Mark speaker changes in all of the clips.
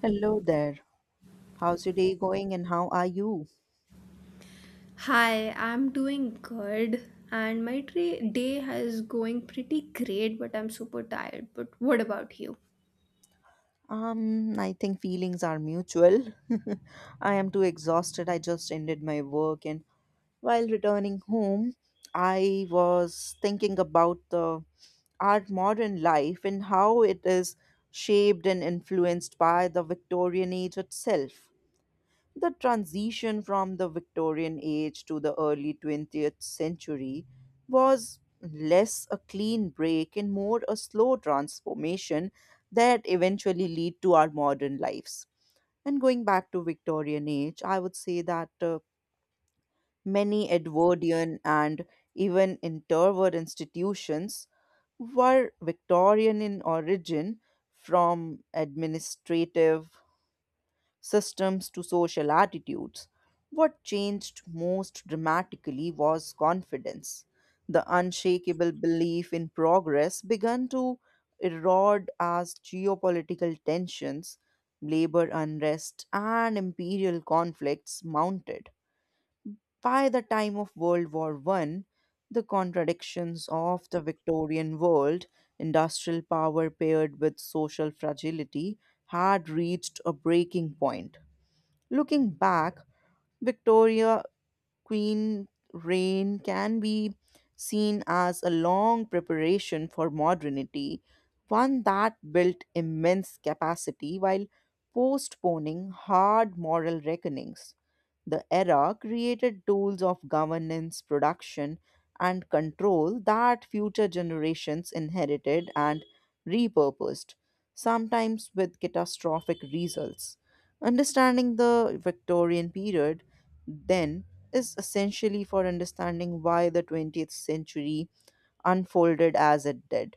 Speaker 1: Hello there. How's your day going and how are you?
Speaker 2: Hi, I'm doing good and day has going pretty great, but I'm super tired. But what about you?
Speaker 1: I think feelings are mutual. I am too exhausted. I just ended my work and while returning home, I was thinking about the our modern life and how it is shaped and influenced by the Victorian age itself. The transition from the Victorian age to the early 20th century was less a clean break and more a slow transformation that eventually lead to our modern lives. And going back to Victorian age, I would say that many Edwardian and even interwar institutions were Victorian in origin from administrative systems to social attitudes. What changed most dramatically was confidence. The unshakable belief in progress began to erode as geopolitical tensions, labor unrest, and imperial conflicts mounted. By the time of World War One, the contradictions of the Victorian world, industrial power paired with social fragility, had reached a breaking point. Looking back, Victoria Queen reign can be seen as a long preparation for modernity, one that built immense capacity while postponing hard moral reckonings. The era created tools of governance, production, and control that future generations inherited and repurposed, sometimes with catastrophic results. Understanding the Victorian period, then, is essentially for understanding why the 20th century unfolded as it did.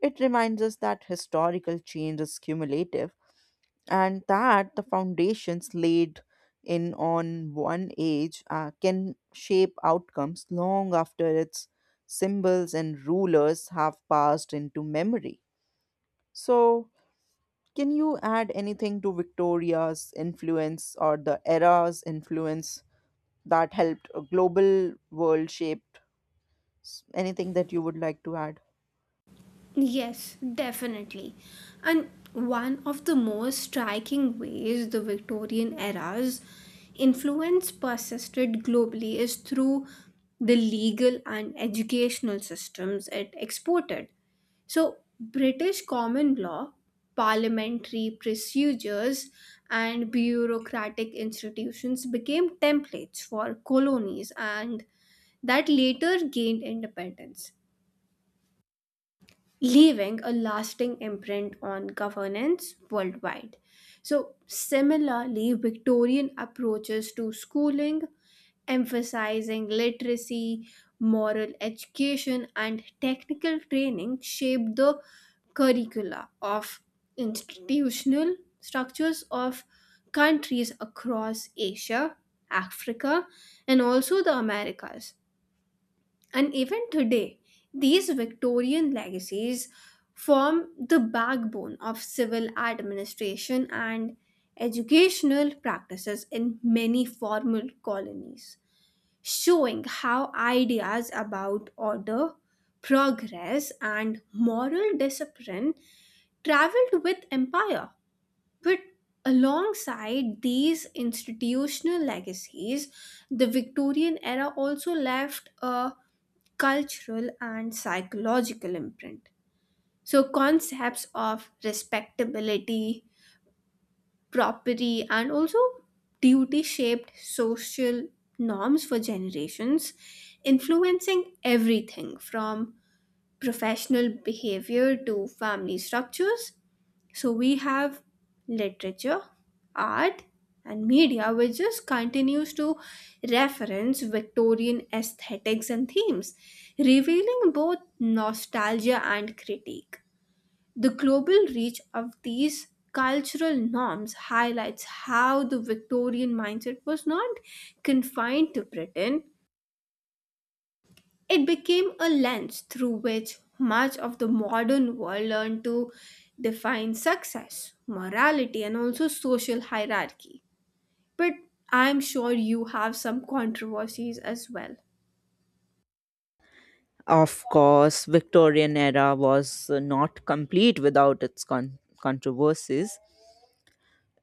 Speaker 1: It reminds us that historical change is cumulative and that the foundations laid in on one age can shape outcomes long after its symbols and rulers have passed into memory. So, can you add anything to Victoria's influence or the era's influence that helped a global world shape S- anything that you would like to add?
Speaker 2: Yes, definitely. And one of the most striking ways the Victorian era's influence persisted globally is through the legal and educational systems it exported. So British common law, parliamentary procedures, and bureaucratic institutions became templates for colonies and that later gained independence, leaving a lasting imprint on governance worldwide. So, similarly, Victorian approaches to schooling, emphasizing literacy, moral education, and technical training, shaped the curricula of institutional structures of countries across Asia, Africa, and also the Americas. And even today, these Victorian legacies form the backbone of civil administration and educational practices in many formal colonies, showing how ideas about order, progress, and moral discipline traveled with empire. But alongside these institutional legacies, the Victorian era also left a cultural and psychological imprint. So, concepts of respectability, property, and also duty shaped social norms for generations, influencing everything from professional behavior to family structures. So we have literature, art, and media, which just continues to reference Victorian aesthetics and themes, revealing both nostalgia and critique. The global reach of these cultural norms highlights how the Victorian mindset was not confined to Britain. It became a lens through which much of the modern world learned to define success, morality, and also social hierarchy. But I'm sure you have some controversies as well.
Speaker 1: Of course, Victorian era was not complete without its controversies.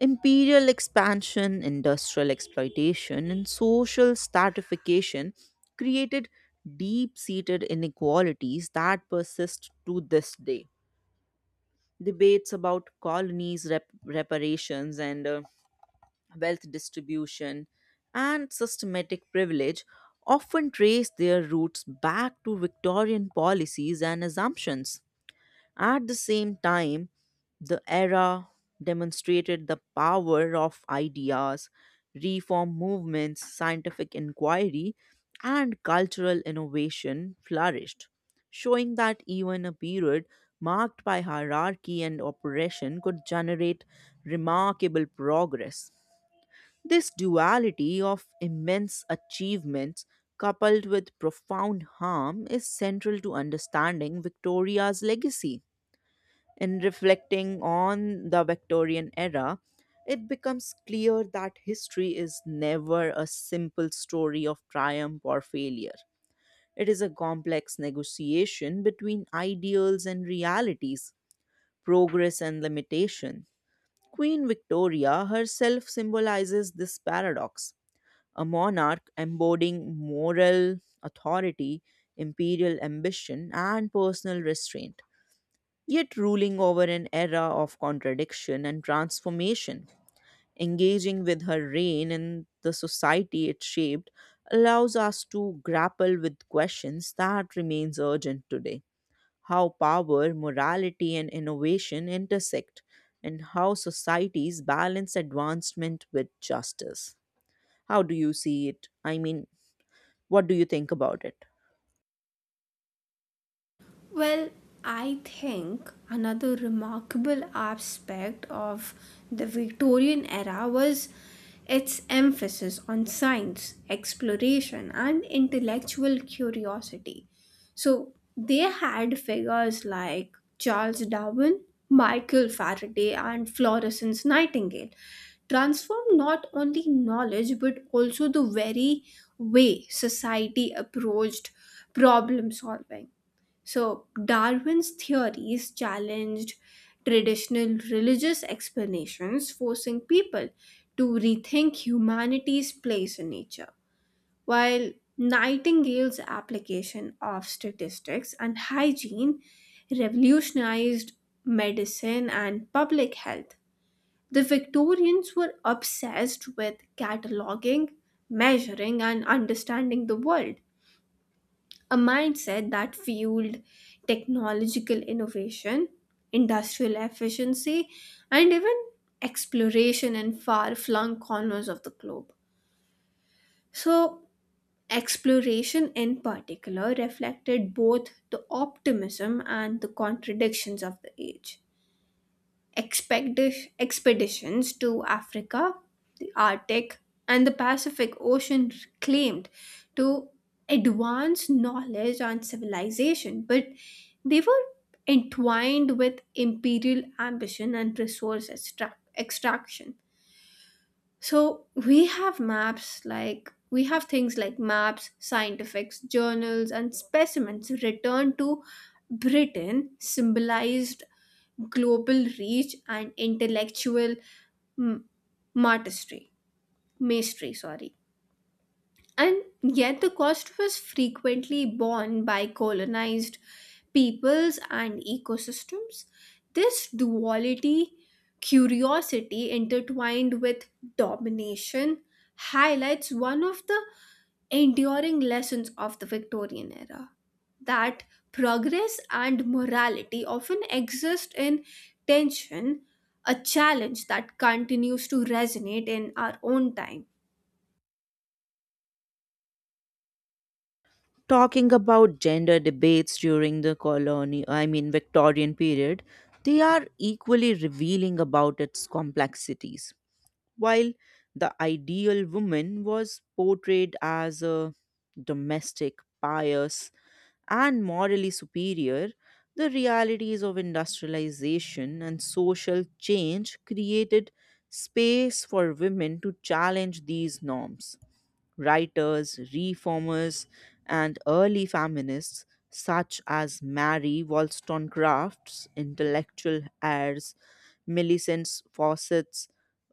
Speaker 1: Imperial expansion, industrial exploitation, and social stratification created deep-seated inequalities that persist to this day. Debates about colonies, reparations, and wealth distribution, and systematic privilege often trace their roots back to Victorian policies and assumptions. At the same time, the era demonstrated the power of ideas, reform movements, scientific inquiry, and cultural innovation flourished, showing that even a period marked by hierarchy and oppression could generate remarkable progress. This duality of immense achievements coupled with profound harm is central to understanding Victoria's legacy. In reflecting on the Victorian era, it becomes clear that history is never a simple story of triumph or failure. It is a complex negotiation between ideals and realities, progress and limitation. Queen Victoria herself symbolizes this paradox, a monarch embodying moral authority, imperial ambition, and personal restraint, yet ruling over an era of contradiction and transformation. Engaging with her reign and the society it shaped allows us to grapple with questions that remains urgent today. How power, morality, and innovation intersect, and how societies balance advancement with justice. How do you see it? I mean, what do you think about it?
Speaker 2: Well, I think another remarkable aspect of the Victorian era was its emphasis on science, exploration, and intellectual curiosity. So they had figures like Charles Darwin, Michael Faraday, and Florence Nightingale transform not only knowledge but also the very way society approached problem solving. So Darwin's theories challenged traditional religious explanations, forcing people to rethink humanity's place in nature. While Nightingale's application of statistics and hygiene revolutionized medicine and public health. The Victorians were obsessed with cataloging, measuring, and understanding the world, a mindset that fueled technological innovation, industrial efficiency, and even exploration in far flung corners of the globe. So, exploration in particular reflected both the optimism and the contradictions of the age. Expeditions to Africa, the Arctic, and the Pacific Ocean claimed to advance knowledge and civilization, but they were entwined with imperial ambition and extraction. So we have maps, like we have things like maps, scientifics, journals, and specimens returned to Britain symbolize global reach and intellectual m- martistry, mastery, sorry. And yet the cost was frequently borne by colonized peoples and ecosystems. This duality, curiosity intertwined with domination, highlights one of the enduring lessons of the Victorian era, that progress and morality often exist in tension, a challenge that continues to resonate in our own time.
Speaker 1: Talking about gender debates during the colony, I mean Victorian period, they are equally revealing about its complexities. While the ideal woman was portrayed as a domestic, pious, and morally superior, the realities of industrialization and social change created space for women to challenge these norms. Writers, reformers, and early feminists such as Mary Wollstonecraft's intellectual heirs, Millicent Fawcett's,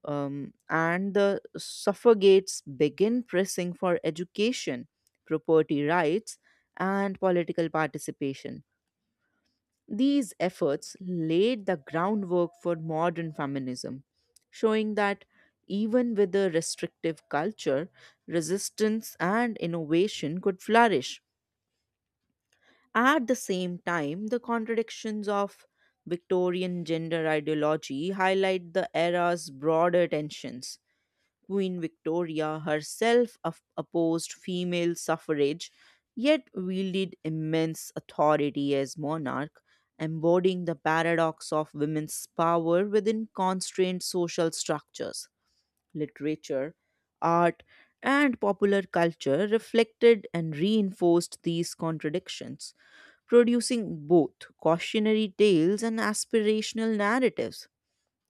Speaker 1: and the suffragettes begin pressing for education, property rights, and political participation. These efforts laid the groundwork for modern feminism, showing that even with a restrictive culture, resistance and innovation could flourish. At the same time, the contradictions of Victorian gender ideology highlight the era's broader tensions. Queen Victoria herself opposed female suffrage, yet wielded immense authority as monarch, embodying the paradox of women's power within constrained social structures. Literature, art, and popular culture reflected and reinforced these contradictions, producing both cautionary tales and aspirational narratives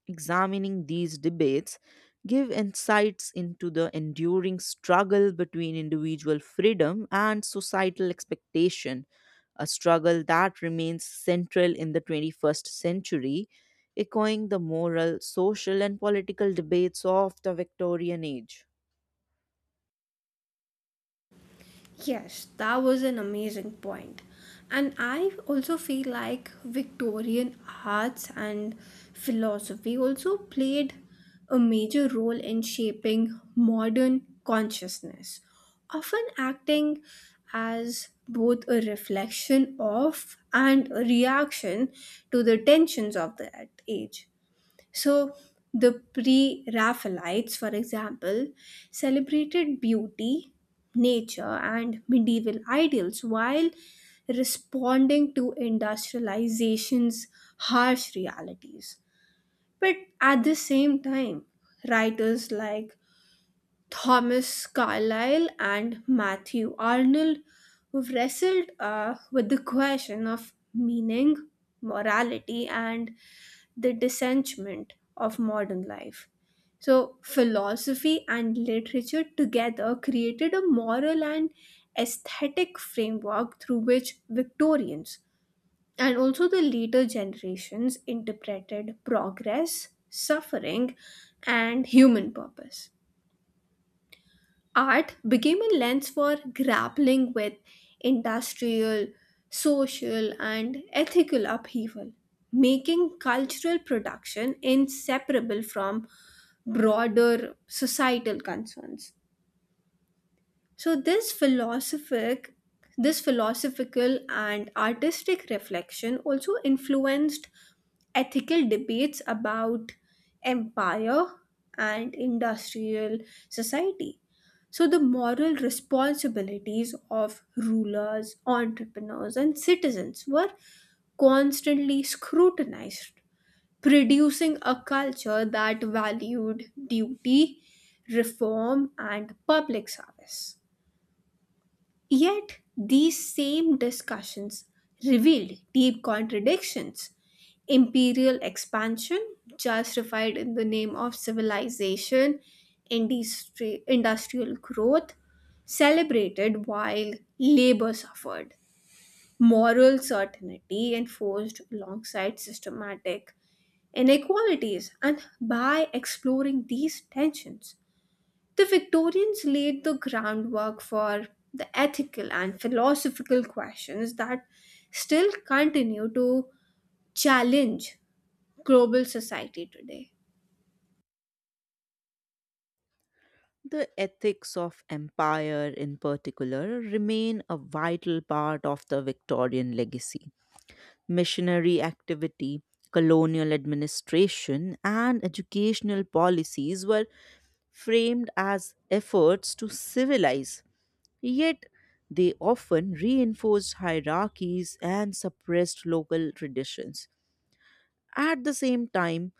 Speaker 1: examining these debates give insights into the enduring struggle between individual freedom and societal expectation, a struggle that remains central in the 21st century, echoing the moral, social, and political debates of the Victorian age.
Speaker 2: Yes, that was an amazing point. And I also feel like Victorian arts and philosophy also played a major role in shaping modern consciousness, often acting as both a reflection of and a reaction to the tensions of that age. So, the Pre Raphaelites, for example, celebrated beauty, nature, and medieval ideals while responding to industrialization's harsh realities. But at the same time, writers like Thomas Carlyle and Matthew Arnold, who've wrestled with the question of meaning, morality, and the dissentiment of modern life. So, philosophy and literature together created a moral and aesthetic framework through which Victorians and also the later generations interpreted progress, suffering, and human purpose. Art became a lens for grappling with industrial, social, and ethical upheaval, making cultural production inseparable from broader societal concerns. So this philosophical and artistic reflection also influenced ethical debates about empire and industrial society. So the moral responsibilities of rulers, entrepreneurs, and citizens were constantly scrutinized, producing a culture that valued duty, reform, and public service. Yet these same discussions revealed deep contradictions. Imperial expansion, justified in the name of civilization. Industrial growth, celebrated while labor suffered. Moral certainty enforced alongside systematic inequalities. And by exploring these tensions, the Victorians laid the groundwork for the ethical and philosophical questions that still continue to challenge global society today.
Speaker 1: The ethics of empire, in particular, remain a vital part of the Victorian legacy missionary activity, colonial administration, and educational policies were framed as efforts to civilize. Yet, they often reinforced hierarchies and suppressed local traditions. At the same time,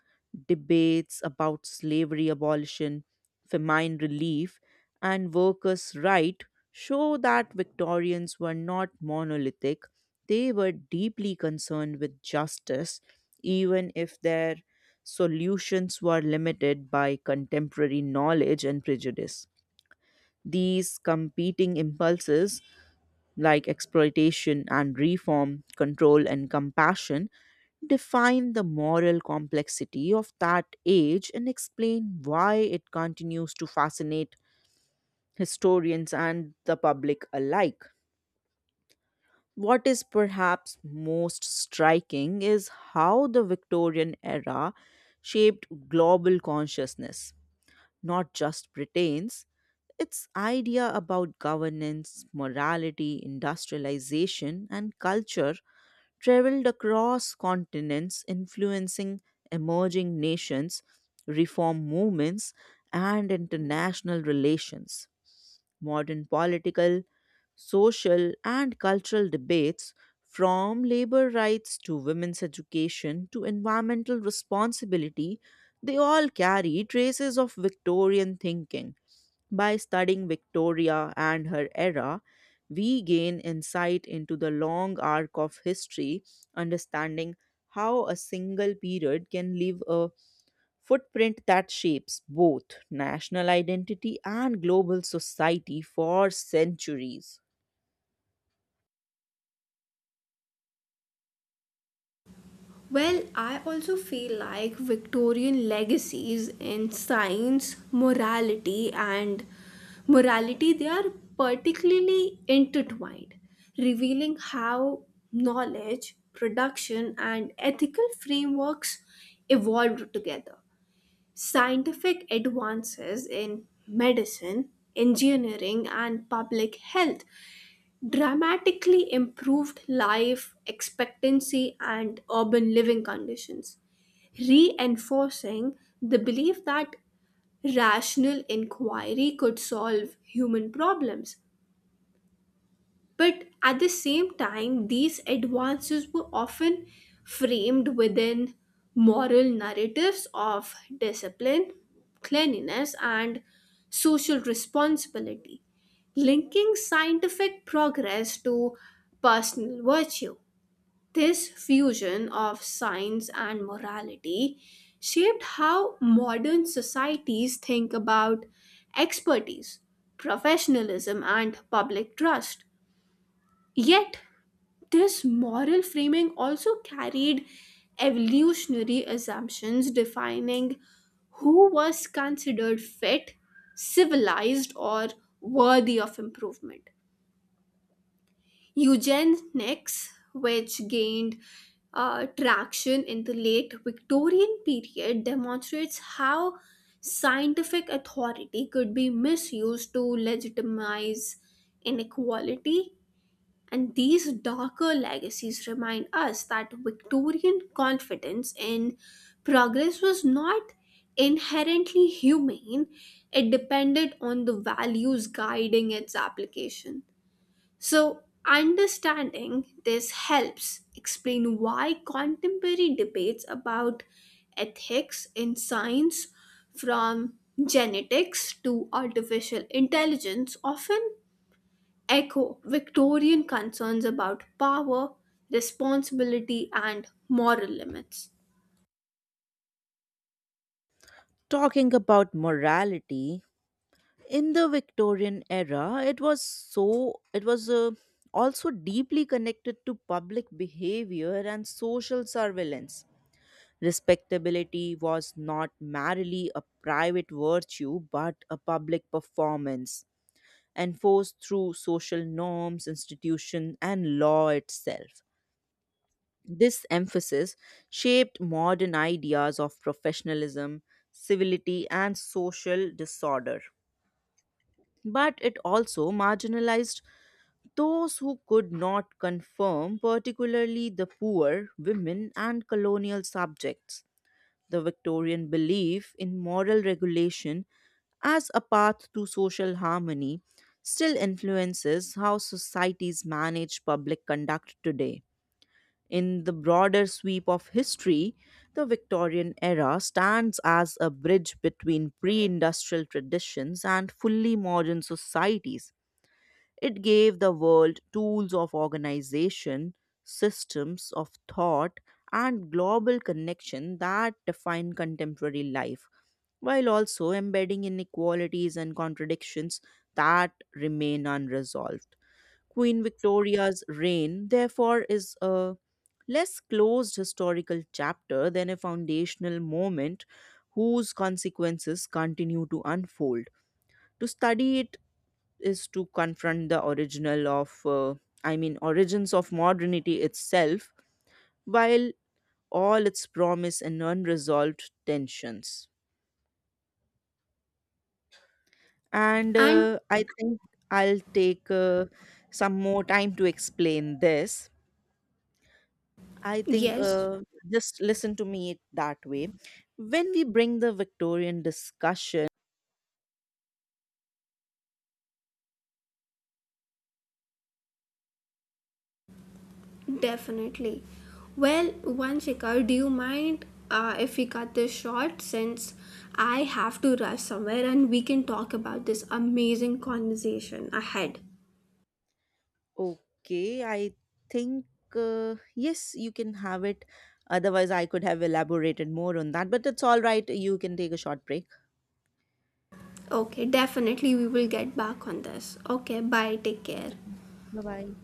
Speaker 1: debates about slavery abolition, famine relief, and workers' rights show that Victorians were not monolithic. They were deeply concerned with justice, even if their solutions were limited by contemporary knowledge and prejudice. These competing impulses like exploitation and reform, control and compassion, define the moral complexity of that age and explain why it continues to fascinate historians and the public alike. What is perhaps most striking is how the Victorian era shaped global consciousness, not just Britain's. Its idea about governance, morality, industrialization, and culture traveled across continents, influencing emerging nations, reform movements, and international relations modern political, social, and cultural debates, from labor rights to women's education to environmental responsibility, they all carry traces of Victorian thinking. By studying Victoria and her era, we gain insight into the long arc of history, understanding how a single period can leave a footprint that shapes both national identity and global society for centuries.
Speaker 2: Well, I also feel like Victorian legacies in science, morality, they are particularly intertwined, revealing how knowledge, production, and ethical frameworks evolved together. Scientific advances in medicine, engineering, and public health dramatically improved life expectancy and urban living conditions, reinforcing the belief that rational inquiry could solve human problems. But at the same time, these advances were often framed within moral narratives of discipline, cleanliness, and social responsibility, linking scientific progress to personal virtue. This fusion of science and morality shaped how modern societies think about expertise, professionalism, and public trust. Yet this moral framing also carried evolutionary assumptions, defining who was considered fit, civilized, or worthy of improvement. Eugenics, which gained traction in the late Victorian period, demonstrates how scientific authority could be misused to legitimize inequality, and these darker legacies remind us that Victorian confidence in progress was not inherently humane. It depended on the values guiding its application. So understanding this helps explain why contemporary debates about ethics in science, from genetics to artificial intelligence, often echo Victorian concerns about power, responsibility, and moral limits.
Speaker 1: Talking about morality, in the Victorian era, it was also deeply connected to public behavior and social surveillance. Respectability was not merely a private virtue but a public performance enforced through social norms, institution, and law itself. This emphasis shaped modern ideas of professionalism, civility, and social disorder. But it also marginalized those who could not conform, particularly the poor, women, and colonial subjects. The Victorian belief in moral regulation as a path to social harmony still influences how societies manage public conduct today. In the broader sweep of history, the Victorian era stands as a bridge between pre industrial traditions and fully modern societies. It gave the world tools of organization, systems of thought, and global connection that define contemporary life, while also embedding inequalities and contradictions that remain unresolved. Queen Victoria's reign, therefore, is a less closed historical chapter than a foundational moment whose consequences continue to unfold. To study it is to confront the original of, I mean, origins of modernity itself, while all its promise and unresolved tensions. And
Speaker 2: And
Speaker 1: I think I'll take some more time to explain this. I think
Speaker 2: yes,
Speaker 1: just listen to me it that way. When we bring the Victorian discussion,
Speaker 2: definitely. Well, one Shikhar, do you mind if we cut this short, since I have to rush somewhere and we can talk about this amazing conversation ahead?
Speaker 1: okay, I think yes, you can have it. Otherwise, I could have elaborated more on that, but it's all right. You can take a short break.
Speaker 2: Okay, definitely we will get back on this. Okay, bye, take care.
Speaker 1: Bye bye.